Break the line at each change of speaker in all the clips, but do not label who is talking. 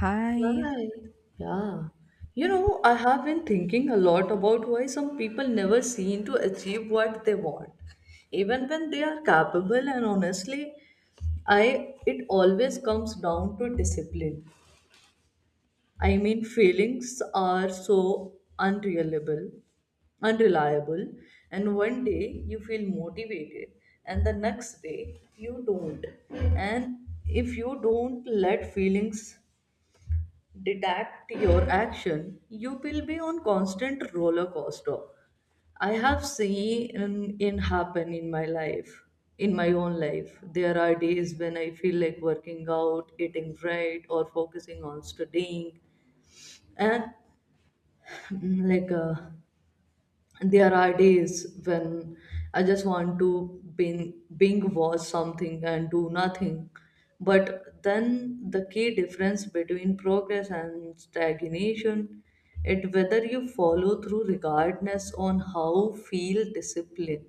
Hi.
Why? Yeah. You know, I have been thinking a lot about why some people never seem to achieve what they want, even when they are capable. And honestly, I it always comes down to discipline. I mean, feelings are so unreliable, unreliable, and one day you feel motivated, and the next day you don't. And if you don't let feelings deduct your action, you will be on constant roller coaster. I have seen it happen in my life, in my own life. There are days when I feel like working out, eating right, or focusing on studying, and like uh, there are days when I just want to bing watch something and do nothing. But then the key difference between progress and stagnation it whether you follow through regardless on how feel. Discipline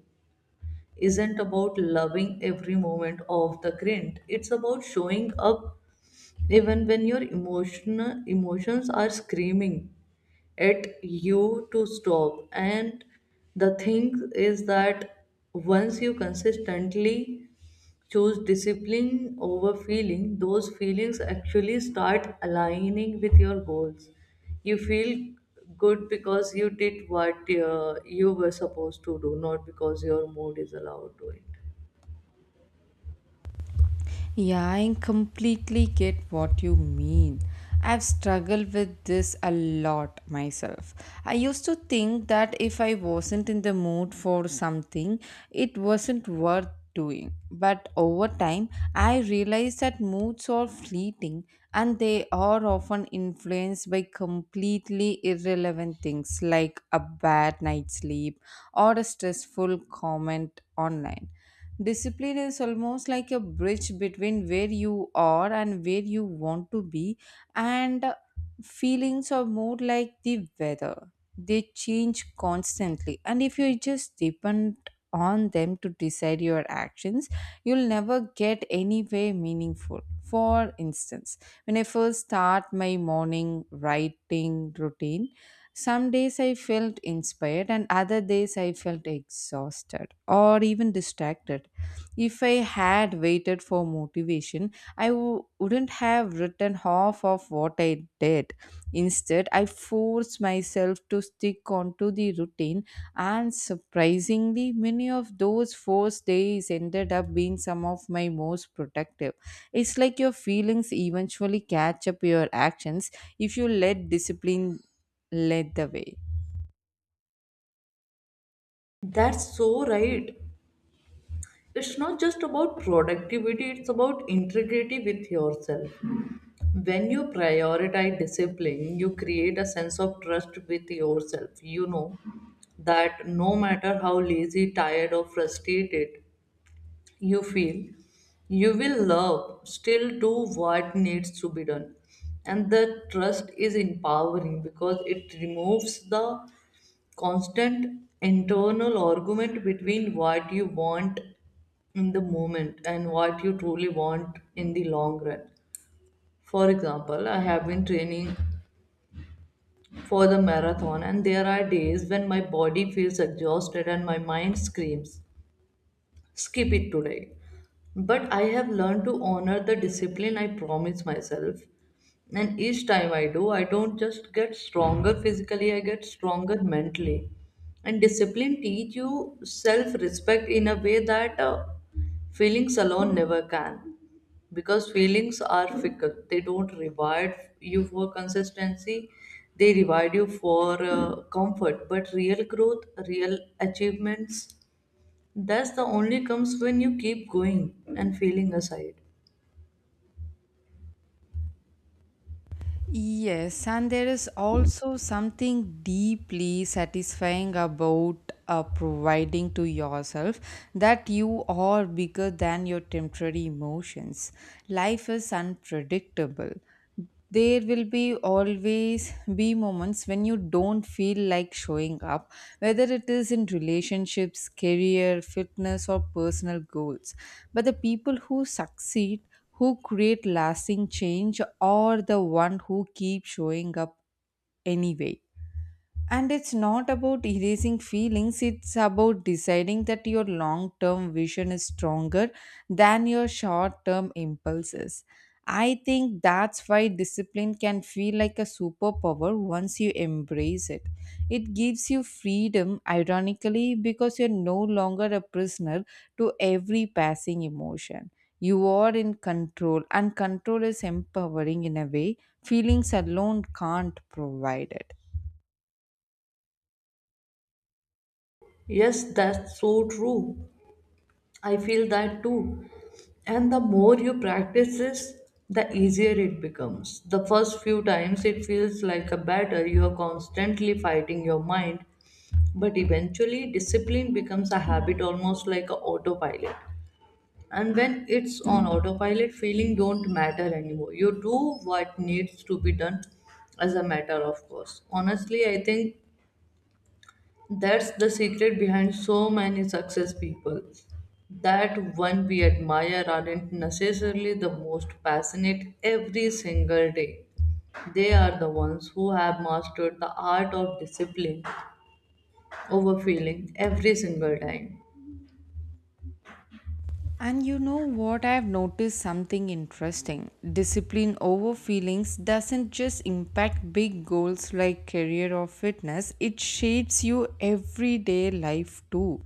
isn't about loving every moment of the grind. It's about showing up even when your emotions are screaming at you to stop. And the thing is that once you consistently choose discipline over feeling, those feelings actually start aligning with your goals. You feel good because you did what you were supposed to do, not because your mood is allowed to it.
Yeah, I completely get what you mean. I've struggled with this a lot myself. I used to think that if I wasn't in the mood for something, it wasn't worth doing. But over time, I realized that moods are fleeting and they are often influenced by completely irrelevant things like a bad night's sleep or a stressful comment online. Discipline is almost like a bridge between where you are and where you want to be, and feelings are more like the weather. They change constantly, and if you just depend on them to decide your actions, you'll never get anywhere meaningful. For instance, when I first start my morning writing routine, some days I felt inspired, and other days I felt exhausted or even distracted. If I had waited for motivation, wouldn't have written half of what I did. Instead, I forced myself to stick onto the routine, and surprisingly, many of those forced days ended up being some of my most productive. It's like your feelings eventually catch up your actions if you let discipline led the way.
That's so right. It's not just about productivity, it's about integrity with yourself. When you prioritize discipline, you create a sense of trust with yourself, you know, that no matter how lazy, tired or frustrated you feel, you will love still do what needs to be done. And the trust is empowering because it removes the constant internal argument between what you want in the moment and what you truly want in the long run. For example, I have been training for the marathon, and there are days when my body feels exhausted and my mind screams skip it today. But I have learned to honor the discipline I promise myself. And each time I do, I don't just get stronger physically, I get stronger mentally. And discipline teach you self-respect in a way that feelings alone never can. Because feelings are fickle. They don't reward you for consistency. They reward you for comfort. But real growth, real achievements, that's the only comes when you keep going and feeling aside.
Yes, and there is also something deeply satisfying about providing to yourself that you are bigger than your temporary emotions. Life is unpredictable. There will be always be moments when you don't feel like showing up, whether it is in relationships, career, fitness, or personal goals. But the people who succeed who create lasting change or the one who keep showing up anyway, and it's not about erasing feelings, it's about deciding that your long term vision is stronger than your short term impulses. I think that's why discipline can feel like a superpower once you embrace it. It gives you freedom, ironically, because you're no longer a prisoner to every passing emotion. You are in control, and control is empowering in a way feelings alone can't provide it.
Yes, that's so true. I feel that too. And the more you practice this, the easier it becomes. The first few times it feels like a battle, you are constantly fighting your mind. But eventually, discipline becomes a habit almost like a autopilot. And when it's on autopilot, feeling don't matter anymore. You do what needs to be done as a matter of course. Honestly, I think that's the secret behind so many success people. That one we admire aren't necessarily the most passionate every single day. They are the ones who have mastered the art of discipline over feeling every single time.
And you know what? I've noticed something interesting. Discipline over feelings doesn't just impact big goals like career or fitness, it shapes your everyday life too.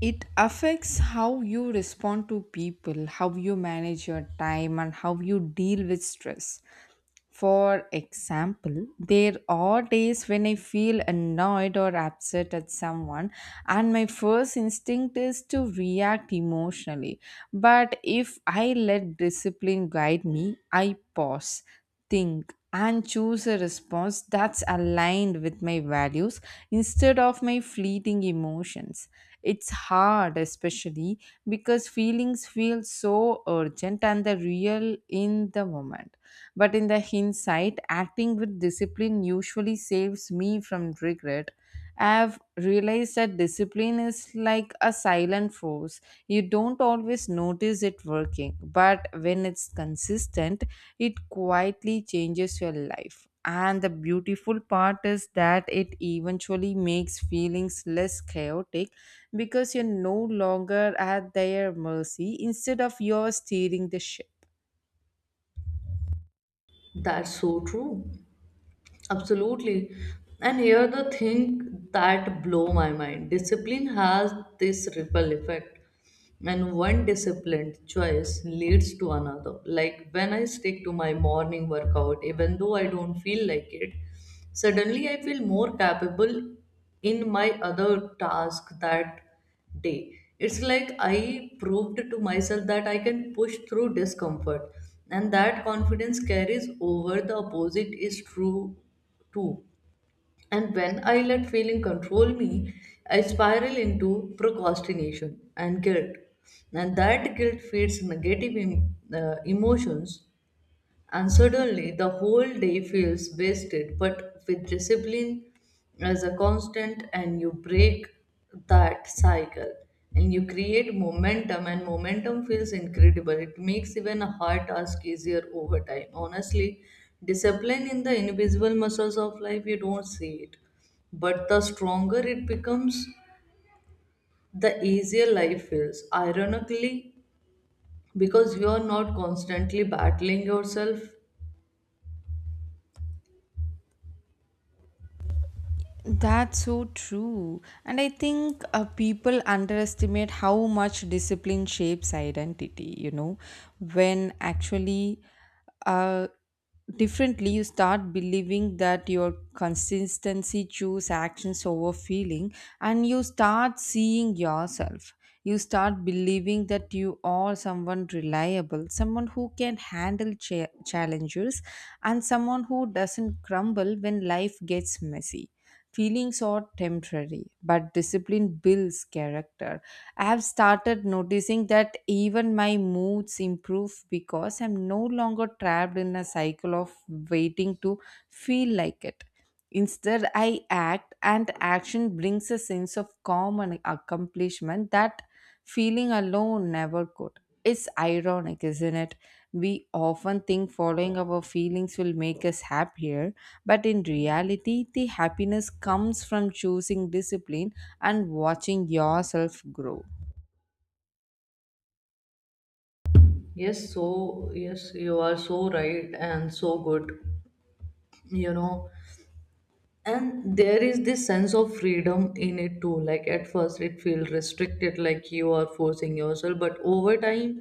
It affects how you respond to people, how you manage your time, and how you deal with stress. For example, there are days when I feel annoyed or upset at someone, and my first instinct is to react emotionally. But if I let discipline guide me, I pause, think, and choose a response that's aligned with my values instead of my fleeting emotions. It's hard, especially because feelings feel so urgent and the real in the moment, but in the hindsight, acting with discipline usually saves me from regret. I've realized that discipline is like a silent force. You don't always notice it working, but when it's consistent, it quietly changes your life. And the beautiful part is that it eventually makes feelings less chaotic because you're no longer at their mercy instead of yours steering the ship.
That's so true. Absolutely. And here the thing that blow my mind. Discipline has this ripple effect. And one disciplined choice leads to another. Like when I stick to my morning workout, even though I don't feel like it, suddenly I feel more capable in my other task that day. It's like I proved to myself that I can push through discomfort, and that confidence carries over. The opposite is true too. And when I let feeling control me, I spiral into procrastination and guilt. And that guilt feeds negative emotions, and suddenly the whole day feels wasted. But with discipline as a constant, and you break that cycle and you create momentum, and momentum feels incredible. It makes even a hard task easier over time. Honestly, discipline in the invisible muscles of life. You don't see it, but the stronger it becomes, the easier life feels, ironically, because you are not constantly battling yourself.
That's so true. And I think people underestimate how much discipline shapes identity, you know, when actually, uh, differently you start believing that your consistency choose actions over feeling and you start seeing yourself. You start believing that you are someone reliable, someone who can handle challenges, and someone who doesn't crumble when life gets messy. Feelings are temporary, but discipline builds character. I have started noticing that even my moods improve because I'm no longer trapped in a cycle of waiting to feel like it. Instead, I act, and action brings a sense of calm and accomplishment that feeling alone never could. It's ironic, isn't it? We often think following our feelings will make us happier, but in reality, the happiness comes from choosing discipline and watching yourself grow.
Yes, so yes, you are so right and so good, you know. And there is this sense of freedom in it too. Like at first, it feels restricted, like you are forcing yourself, but over time,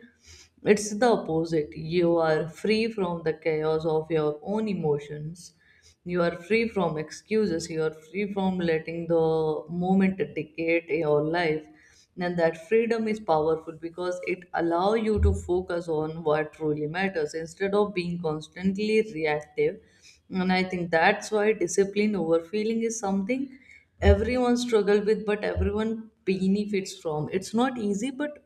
it's the opposite. You are free from the chaos of your own emotions, you are free from excuses, you are free from letting the moment dictate your life, and that freedom is powerful because it allows you to focus on what truly matters instead of being constantly reactive. And I think that's why discipline over feeling is something everyone struggles with, but everyone benefits from. It's not easy, but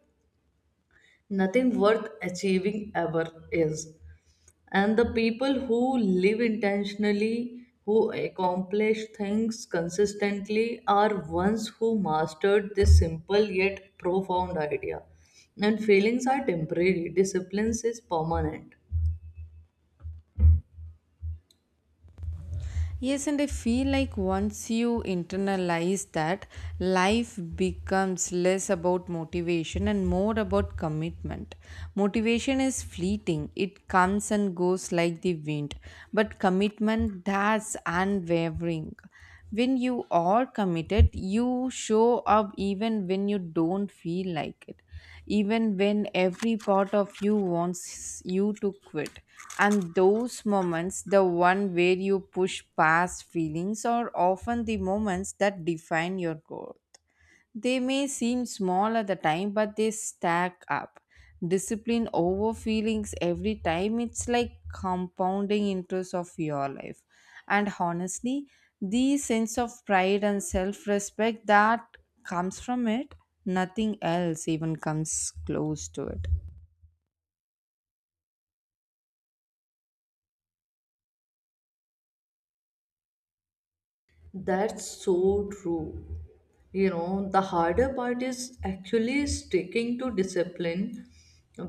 nothing worth achieving ever is. And the people who live intentionally, who accomplish things consistently, are ones who mastered this simple yet profound idea. And feelings are temporary, disciplines is permanent.
Yes, and I feel like once you internalize that, life becomes less about motivation and more about commitment. Motivation is fleeting, it comes and goes like the wind, but commitment, that's unwavering. When you are committed, you show up even when you don't feel like it, even when every part of you wants you to quit. And those moments, the one where you push past feelings, are often the moments that define your growth. They may seem small at the time, but they stack up. Discipline over feelings every time, it's like compounding interest of your life. And honestly, the sense of pride and self respect that comes from it, nothing else even comes close to it.
That's so true. You know, the harder part is actually sticking to discipline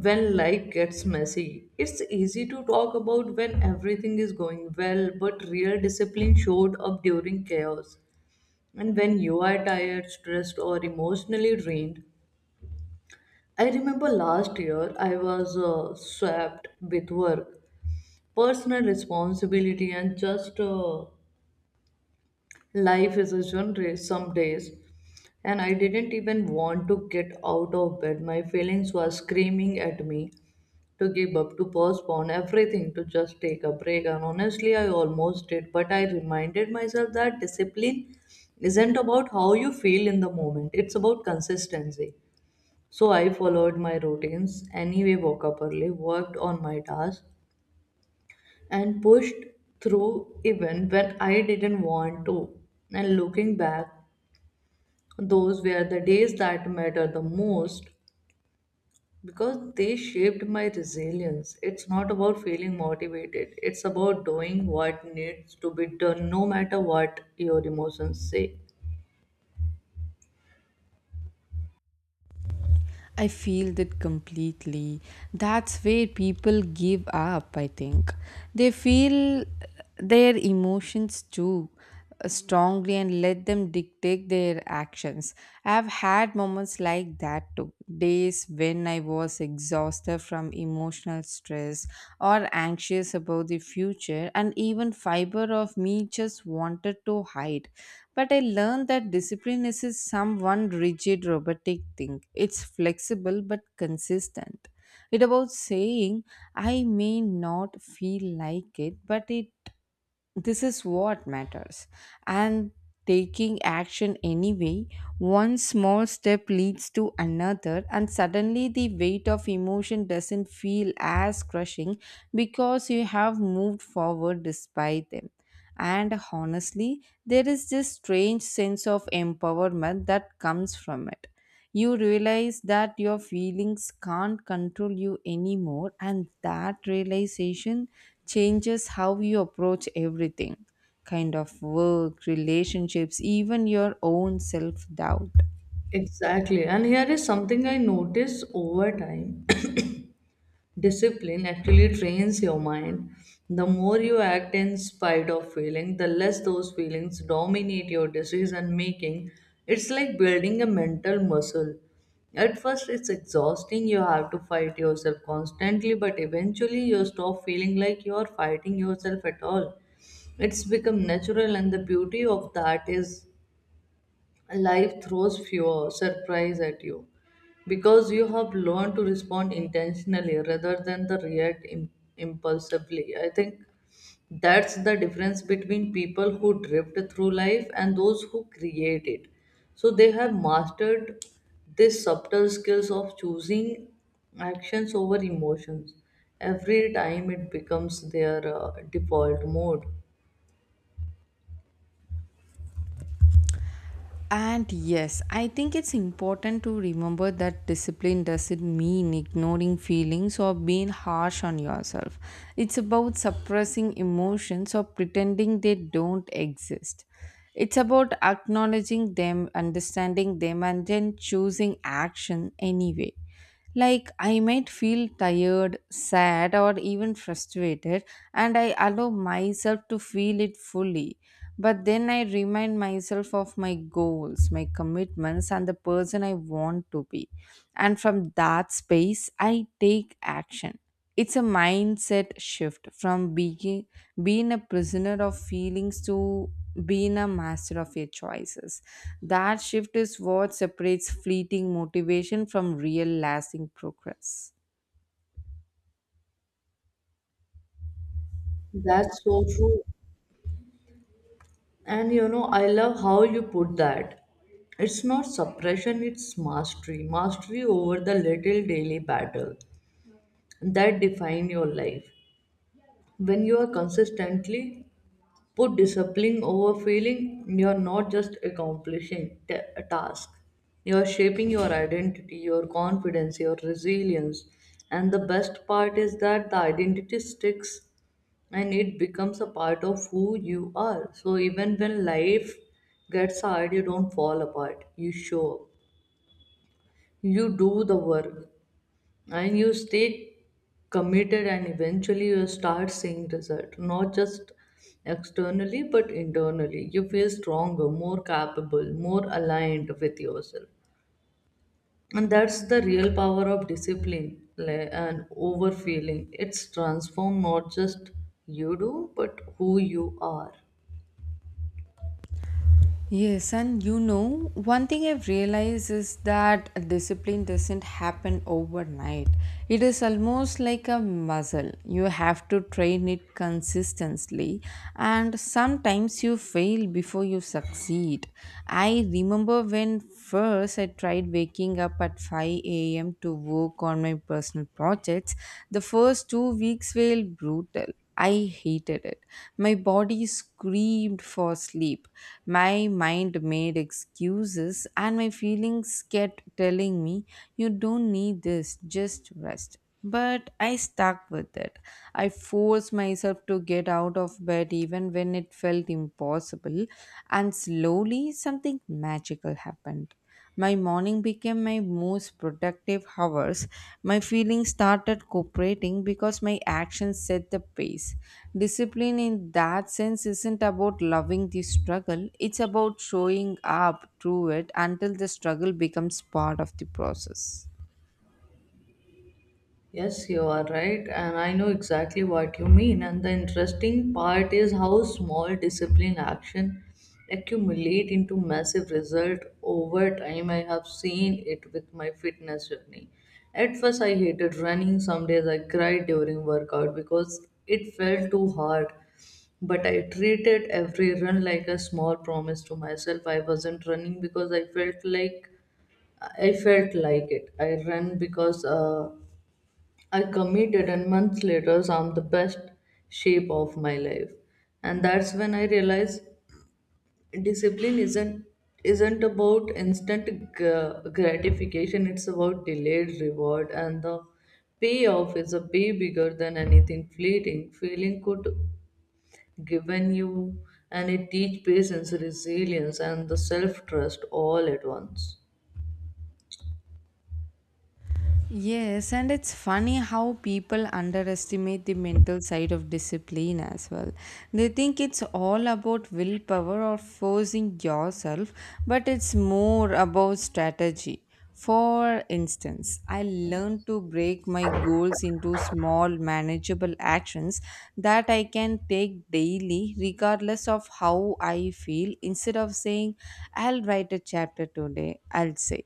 when life gets messy. It's easy to talk about when everything is going well, but real discipline showed up during chaos. And when you are tired, stressed, or emotionally drained, I remember last year I was swept with work, personal responsibility, and just life is a genre some days. And I didn't even want to get out of bed. My feelings were screaming at me to give up, to postpone everything, to just take a break. And honestly, I almost did, but I reminded myself that discipline isn't about how you feel in the moment, it's about consistency. So I followed my routines anyway, woke up early, worked on my tasks, and pushed through even when I didn't want to. And looking back, those were the days that matter the most because they shaped my resilience. It's not about feeling motivated, it's about doing what needs to be done, no matter what your emotions say.
I feel that completely. That's where people give up, I think. They feel their emotions too strongly and let them dictate their actions. I've had moments like that too. Days when I was exhausted from emotional stress or anxious about the future, and even fiber of me just wanted to hide, but I learned that discipline is a someone rigid robotic thing. It's flexible but consistent. It about saying, I may not feel like it, but it, this is what matters, and taking action anyway. One small step leads to another, and suddenly the weight of emotion doesn't feel as crushing because you have moved forward despite them. And honestly, there is this strange sense of empowerment that comes from it. You realize that your feelings can't control you anymore, and that realization changes how you approach everything, kind of work relationships, even your own self doubt.
Exactly. And here is something I noticed over time. Discipline actually trains your mind. The more you act in spite of feeling, the less those feelings dominate your decision making. It's like building a mental muscle. At first, it's exhausting. You have to fight yourself constantly, but eventually, you stop feeling like you are fighting yourself at all. It's become natural, and the beauty of that is life throws fewer surprise at you because you have learned to respond intentionally rather than the react impulsively. I think that's the difference between people who drift through life and those who create it. So they have mastered this subtle skills of choosing actions over emotions. Every time it becomes their default mode.
And yes, I think it's important to remember that discipline doesn't mean ignoring feelings or being harsh on yourself. It's about suppressing emotions or pretending they don't exist. It's about acknowledging them, understanding them, and then choosing action anyway. Like, I might feel tired, sad, or even frustrated, and I allow myself to feel it fully. But then I remind myself of my goals, my commitments, and the person I want to be. And from that space, I take action. It's a mindset shift from being a prisoner of feelings to being a master of your choices. That shift is what separates fleeting motivation from real lasting progress.
That's so true. And you know, I love how you put that. It's not suppression, it's mastery. Mastery over the little daily battle that define your life. When you are consistently put discipline over feeling, you're not just accomplishing a task. You're shaping your identity, your confidence, your resilience. And the best part is that the identity sticks and it becomes a part of who you are. So even when life gets hard, you don't fall apart. You show up, you do the work, and you stay committed, and eventually you start seeing result, not just externally but internally. You feel stronger, more capable, more aligned with yourself. And that's the real power of discipline, like, and over feeling. It's transform not just you do, but who you are.
Yes, and you know, one thing I've realized is that discipline doesn't happen overnight. It is almost like a muscle. You have to train it consistently, and sometimes you fail before you succeed. I remember when first I tried waking up at 5 a.m. to work on my personal projects, the first 2 weeks were brutal. I hated it. My body screamed for sleep. My mind made excuses, and my feelings kept telling me, you don't need this, just rest. But I stuck with it. I forced myself to get out of bed even when it felt impossible, and slowly something magical happened. My morning became my most productive hours. My feelings started cooperating because my actions set the pace. Discipline, in that sense, isn't about loving the struggle, it's about showing up through it until the struggle becomes part of the process.
Yes, you are right, and I know exactly what you mean. And the interesting part is how small discipline action accumulate into massive result over time. I have seen it with my fitness journey. At first, I hated running. Some days I cried during workout because it felt too hard. But I treated every run like a small promise to myself. I wasn't running because I felt like it. I ran because I committed, and months later, I'm the best shape of my life. And that's when I realized discipline isn't about instant gratification. It's about delayed reward, and the payoff is a way bigger than anything fleeting. Feeling could given you, and it teach patience, resilience, and the self trust all at once.
Yes, and it's funny how people underestimate the mental side of discipline as well. They think it's all about willpower or forcing yourself, but it's more about strategy. For instance, I learned to break my goals into small, manageable actions that I can take daily, regardless of how I feel. Instead of saying, I'll write a chapter today, I'll say,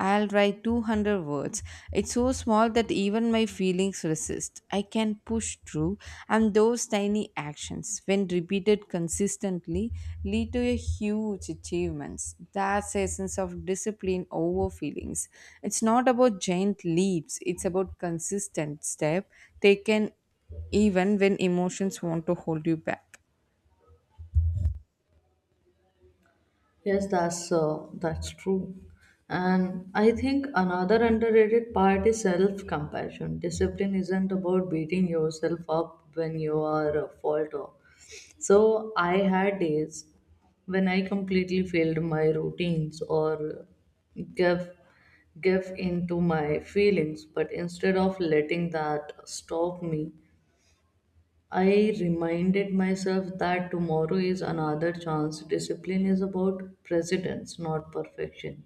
I'll write 200 words. It's so small that even my feelings resist. I can push through, and those tiny actions, when repeated consistently, lead to a huge achievements. That's a sense of discipline over feelings. It's not about giant leaps, it's about consistent step taken even when emotions want to hold you back.
Yes, that's true. And I think another underrated part is self-compassion. Discipline isn't about beating yourself up when you are a falter. So I had days when I completely failed my routines or give give into my feelings, but instead of letting that stop me, I reminded myself that tomorrow is another chance. Discipline is about precedence, not perfection.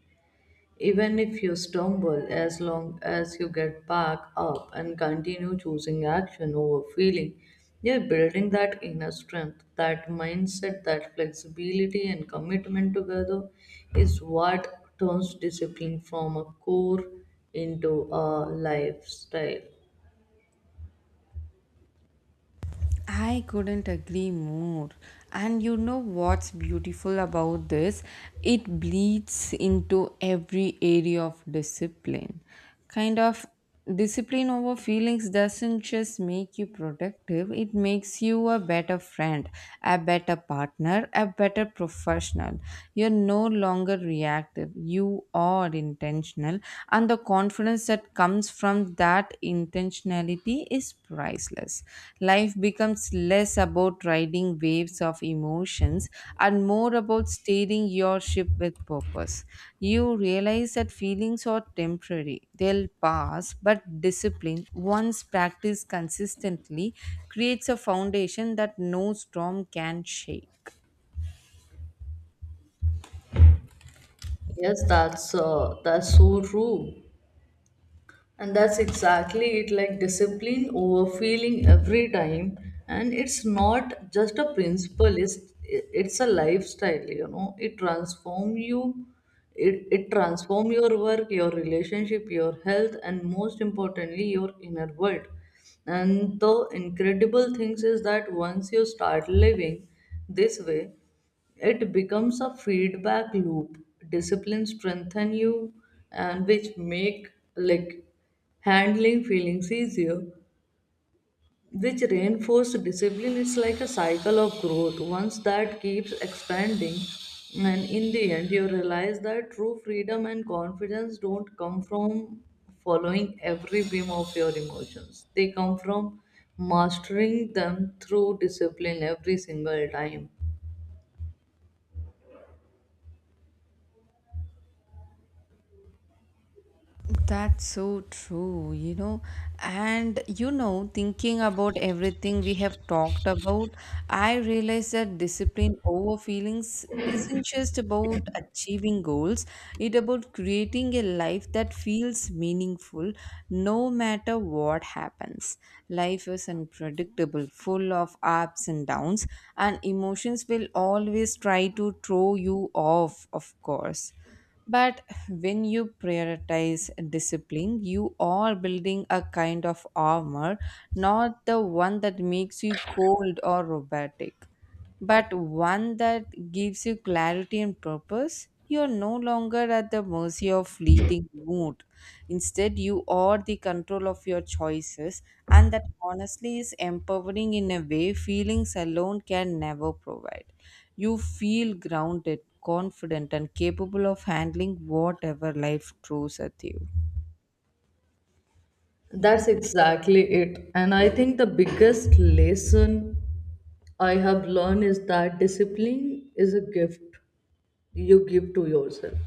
Even if you stumble, as long as you get back up and continue choosing action over feeling, you're building that inner strength, that mindset, that flexibility, and commitment together is what turns discipline from a core into a lifestyle.
I couldn't agree more. And you know what's beautiful about this? It bleeds into every area of discipline. Kind of discipline over feelings doesn't just make you productive, it makes you a better friend, a better partner, a better professional. You're no longer reactive, you are intentional, and the confidence that comes from that intentionality is priceless. Life becomes less about riding waves of emotions and more about steering your ship with purpose. You realize that feelings are temporary, they'll pass, but discipline, once practiced consistently, creates a foundation that no storm can shake.
Yes, that's so true. And that's exactly it, like discipline over feeling every time. And it's not just a principle, it's a lifestyle, you know. It transform you, it transform your work, your relationship, your health, and most importantly, your inner world. And the incredible things is that once you start living this way, it becomes a feedback loop. Discipline strengthen you and which make like handling feelings easier, which reinforce discipline. It's like a cycle of growth once that keeps expanding, and in the end you realize that true freedom and confidence don't come from following every whim of your emotions. They come from mastering them through discipline every single time.
That's so true, you know. And you know, thinking about everything we have talked about, I realize that discipline over feelings isn't just about achieving goals, it's about creating a life that feels meaningful no matter what happens. Life is unpredictable, full of ups and downs, and emotions will always try to throw you off, of course. But when you prioritize discipline, you are building a kind of armor, not the one that makes you cold or robotic, but one that gives you clarity and purpose. You are no longer at the mercy of fleeting mood. Instead, you are the control of your choices, and that honestly is empowering in a way feelings alone can never provide. You feel grounded, confident, and capable of handling whatever life throws at you.
That's exactly it. And I think the biggest lesson I have learned is that discipline is a gift you give to yourself.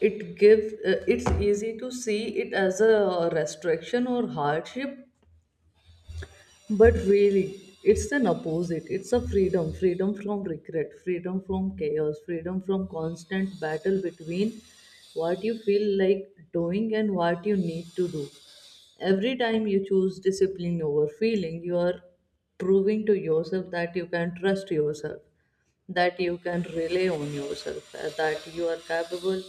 It give it's easy to see it as a restriction or hardship, but really, it's an opposite. It's a freedom from regret, freedom from chaos, freedom from constant battle between what you feel like doing and what you need to do. Every time you choose discipline over feeling, you are proving to yourself that you can trust yourself, that you can rely on yourself, that you are capable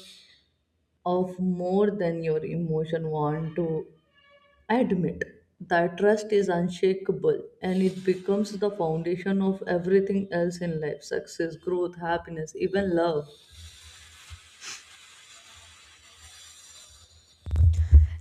of more than your emotion want to. I admit that trust is unshakable, and it becomes the foundation of everything else in life: success, growth, happiness, even love.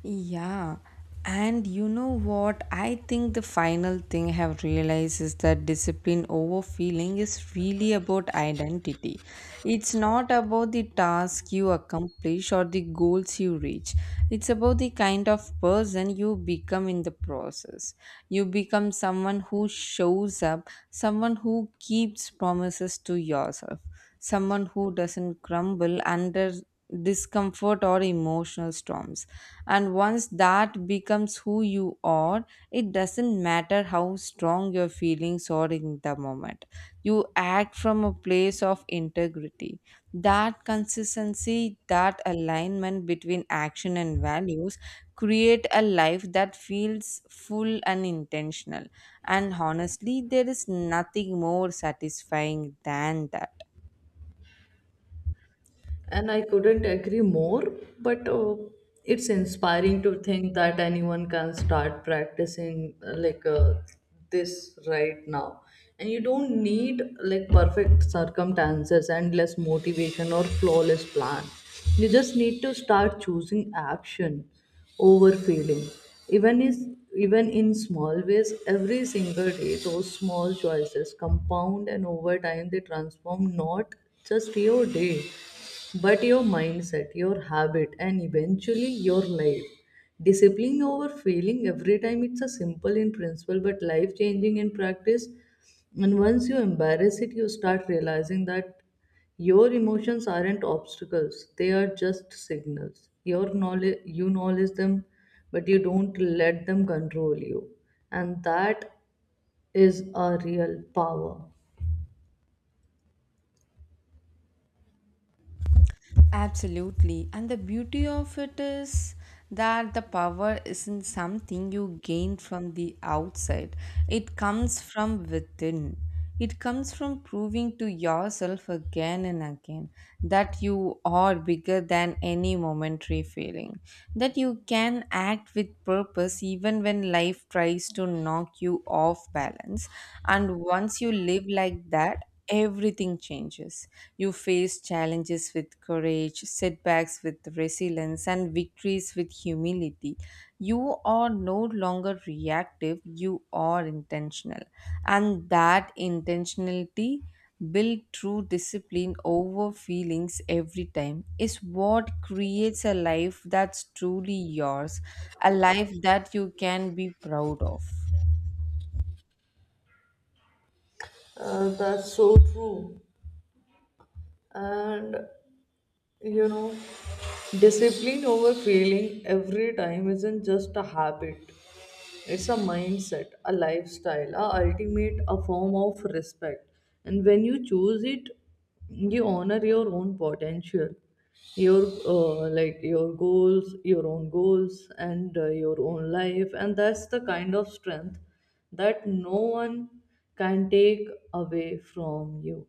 Yeah. And you know what? I think the final thing I have realized is that discipline over feeling is really about identity. It's not about the task you accomplish or the goals you reach. It's about the kind of person you become in the process. You become someone who shows up, someone who keeps promises to yourself, someone who doesn't crumble under discomfort or emotional storms. And once that becomes who you are, it doesn't matter how strong your feelings are in the moment. You act from a place of integrity. That consistency, that alignment between action and values create a life that feels full and intentional. And honestly, there is nothing more satisfying than that.
And I couldn't agree more. But it's inspiring to think that anyone can start practicing this right now, and you don't need like perfect circumstances, endless motivation, or flawless plan. You just need to start choosing action over feeling, even is even in small ways. Every single day, those small choices compound, and over time, they transform not just your day but your mindset, your habit, and eventually your life. Discipline over failing every time it's a simple in principle but life changing in practice. And once you embrace it, you start realizing that your emotions aren't obstacles, they are just signals. Your knowledge, you knowledge them, but you don't let them control you. And that is a real power.
Absolutely. And the beauty of it is that the power isn't something you gain from the outside, it comes from within. It comes from proving to yourself again and again that you are bigger than any momentary feeling, that you can act with purpose even when life tries to knock you off balance. And once you live like that, everything changes. You face challenges with courage, setbacks with resilience, and victories with humility. You are no longer reactive, you are intentional. And that intentionality, built through discipline over feelings every time, is what creates a life that's truly yours, a life that you can be proud of.
That's so true. And you know, discipline over failing every time isn't just a habit, it's a mindset, a lifestyle, a ultimate, a form of respect. And when you choose it, you honor your own potential, your your goals, your own goals, and your own life. And that's the kind of strength that no one can take away from you.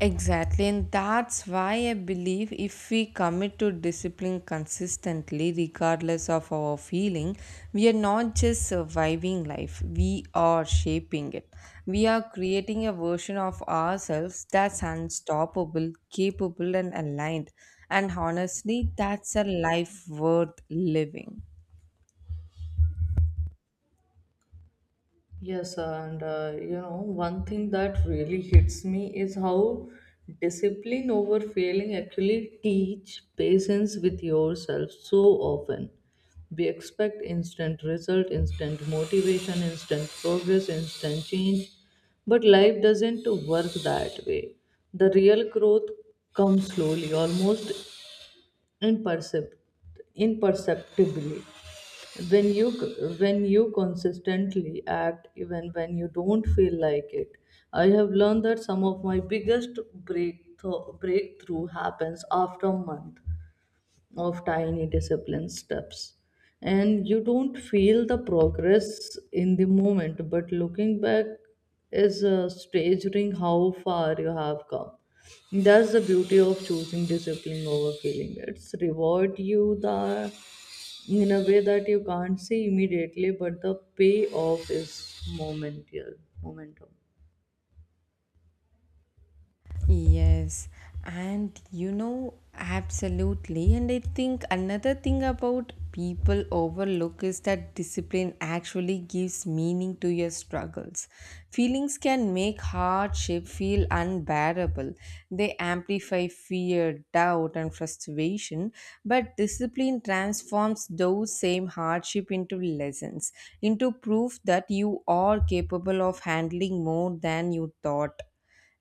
Exactly, and that's why I believe if we commit to discipline consistently, regardless of our feeling, we are not just surviving life, we are shaping it. We are creating a version of ourselves that's unstoppable, capable, and aligned. And honestly, that's a life worth living.
Yes, and you know, one thing that really hits me is how discipline over failing actually teach patience with yourself so often. We expect instant result, instant motivation, instant progress, instant change, but life doesn't work that way. The real growth comes slowly, almost impercept- imperceptibly, when you when you consistently act even when you don't feel like it. I have learned that some of my biggest breakthrough breakthrough happens after a month of tiny discipline steps, and you don't feel the progress in the moment, but looking back is staggering how far you have come. That's the beauty of choosing discipline over feeling, it's reward you the in a way that you can't see immediately, but the payoff is momentum.
Yes, and you know, absolutely. And I think another thing about people overlook is that discipline actually gives meaning to your struggles. Feelings can make hardship feel unbearable, they amplify fear, doubt, and frustration. But discipline transforms those same hardship into lessons, into proof that you are capable of handling more than you thought.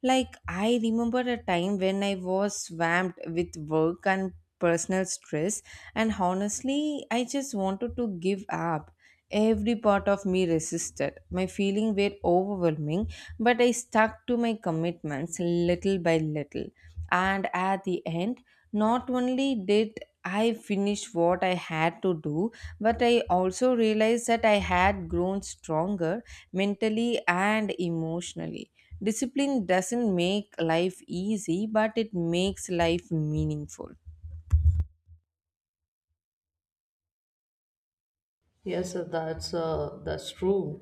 Like, I remember a time when I was swamped with work and personal stress, and honestly, I just wanted to give up. Every part of me resisted. My feelings were overwhelming, but I stuck to my commitments little by little. And at the end, not only did I finish what I had to do, but I also realized that I had grown stronger mentally and emotionally. Discipline doesn't make life easy, but it makes life meaningful.
Yes, that's true.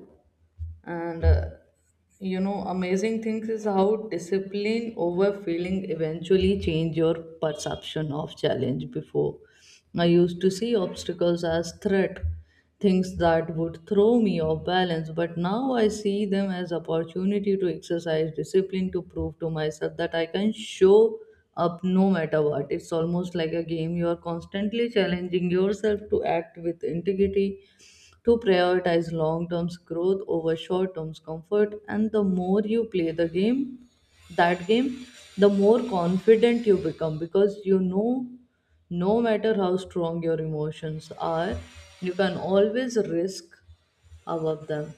And you know, amazing things is how discipline over feeling eventually change your perception of challenge. Before, I used to see obstacles as threat, things that would throw me off balance. But now I see them as opportunity to exercise discipline, to prove to myself that I can show up no matter what. It's almost like a game. You are constantly challenging yourself to act with integrity, to prioritize long term growth over short term comfort. And the more you play that game, the more confident you become, because you know no matter how strong your emotions are, you can always risk above them.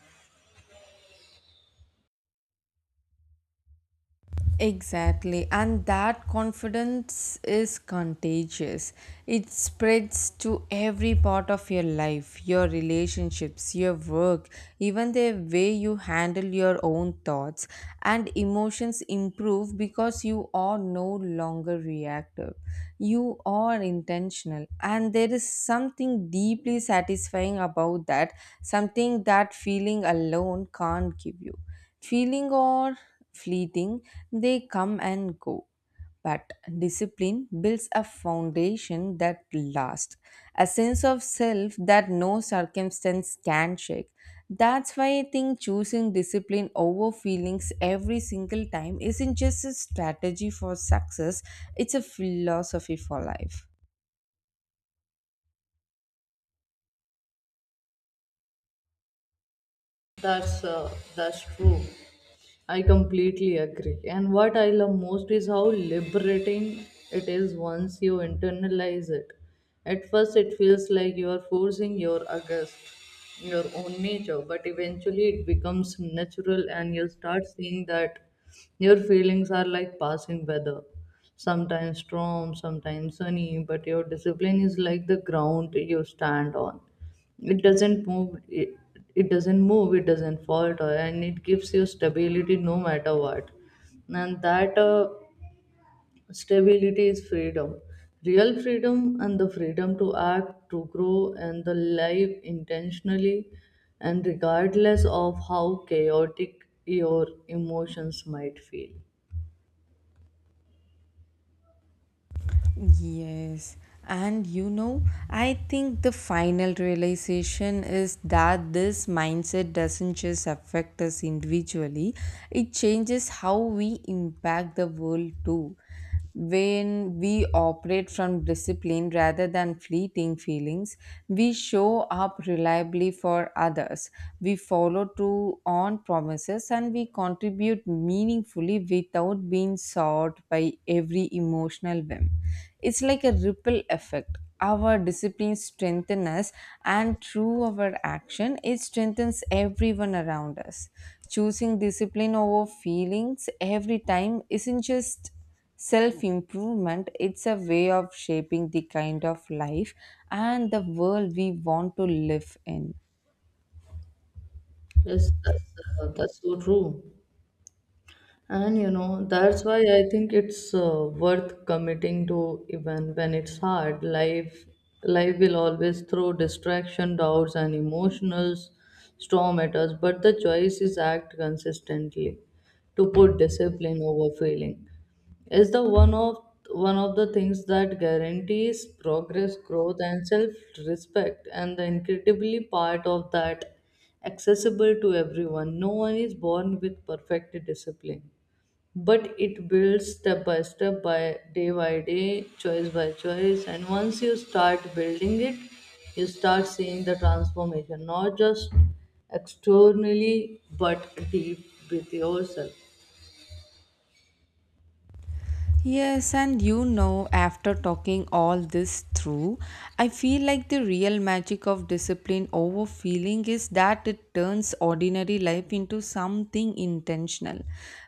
Exactly, and that confidence is contagious. It spreads to every part of your life, your relationships, your work, even the way you handle your own thoughts and emotions improve because you are no longer reactive. You are intentional, and there is something deeply satisfying about that, something that feeling alone can't give you. Feeling are fleeting, they come and go. But discipline builds a foundation that lasts, a sense of self that no circumstance can shake. That's why I think choosing discipline over feelings every single time isn't just a strategy for success, it's a philosophy for life.
That's true. I completely agree. And what I love most is how liberating it is once you internalize it. At first, it feels like you are forcing your August, your own nature, but eventually it becomes natural, and you start seeing that your feelings are like passing weather. Sometimes storm, sometimes sunny, but your discipline is like the ground you stand on. It doesn't move it, it doesn't move it doesn't falter, and it gives you stability no matter what. And that stability is freedom, real freedom, and the freedom to act, to grow, and the life intentionally, and regardless of how chaotic your emotions might feel.
Yes, and you know, I think the final realization is that this mindset doesn't just affect us individually, it changes how we impact the world too. When we operate from discipline rather than fleeting feelings, we show up reliably for others, we follow through on promises, and we contribute contributed meaningfully without being sought by every emotional whim. It's like a ripple effect. Our discipline strengthens us, and through our action, it strengthens everyone around us. Choosing discipline over feelings every time isn't just self improvement, it's a way of shaping the kind of life and the world we want to live in.
Yes, that's so true. And you know, that's why I think it's worth committing to even when it's hard. Life will always throw distraction, doubts, and emotional storm at us, but the choice is act consistently to put discipline over feeling. Is the one of the things that guarantees progress, growth, and self-respect. And the incredibly part of that accessible to everyone. No one is born with perfect discipline, but it builds step by step, by day by day, choice by choice. And once you start building it, you start seeing the transformation, not just externally but deep with yourself.
Yes, and you know, after talking all this through, I feel like the real magic of discipline over feeling is that it turns ordinary life into something intentional.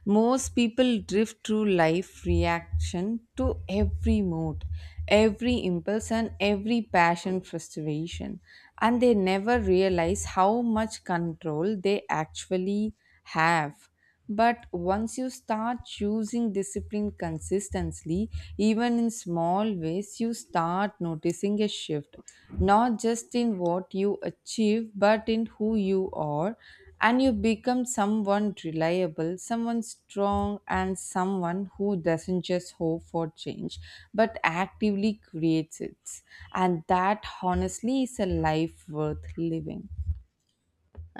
Most people drift through life reaction to every mood, every impulse, and every passion frustration, and they never realize how much control they actually have. But once you start choosing discipline consistently, even in small ways, you start noticing a shift, not just in what you achieve, but in who you are. And you become someone reliable, someone strong, and someone who doesn't just hope for change, but actively creates it. And that honestly is a life worth living.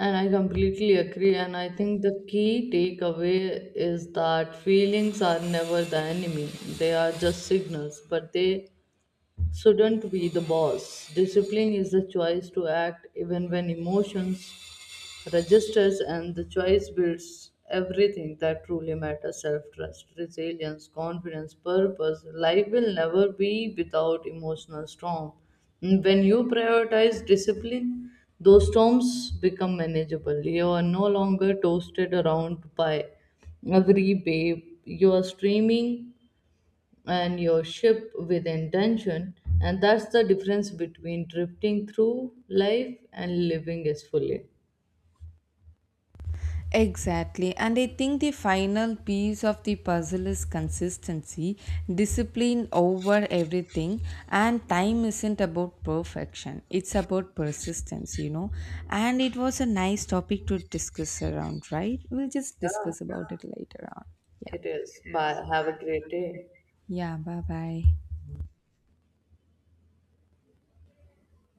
And I completely agree. And I think the key takeaway is that feelings are never the enemy, they are just signals, but they shouldn't be the boss. Discipline is the choice to act even when emotions registers, and the choice builds everything that truly matters: self trust, resilience, confidence, purpose. Life will never be without emotional storm. And when you prioritize discipline, those storms become manageable. You are no longer toasted around by every wave. You are streaming and your ship with intention, and that's the difference between drifting through life and living is fully.
Exactly, and I think the final piece of the puzzle is consistency, discipline over everything, and time isn't about perfection, it's about persistence, you know. And it was a nice topic to discuss around, right? We'll just
Yeah.
discuss about it later on. Yeah,
It is. Bye. Have a great day.
yeah, bye bye.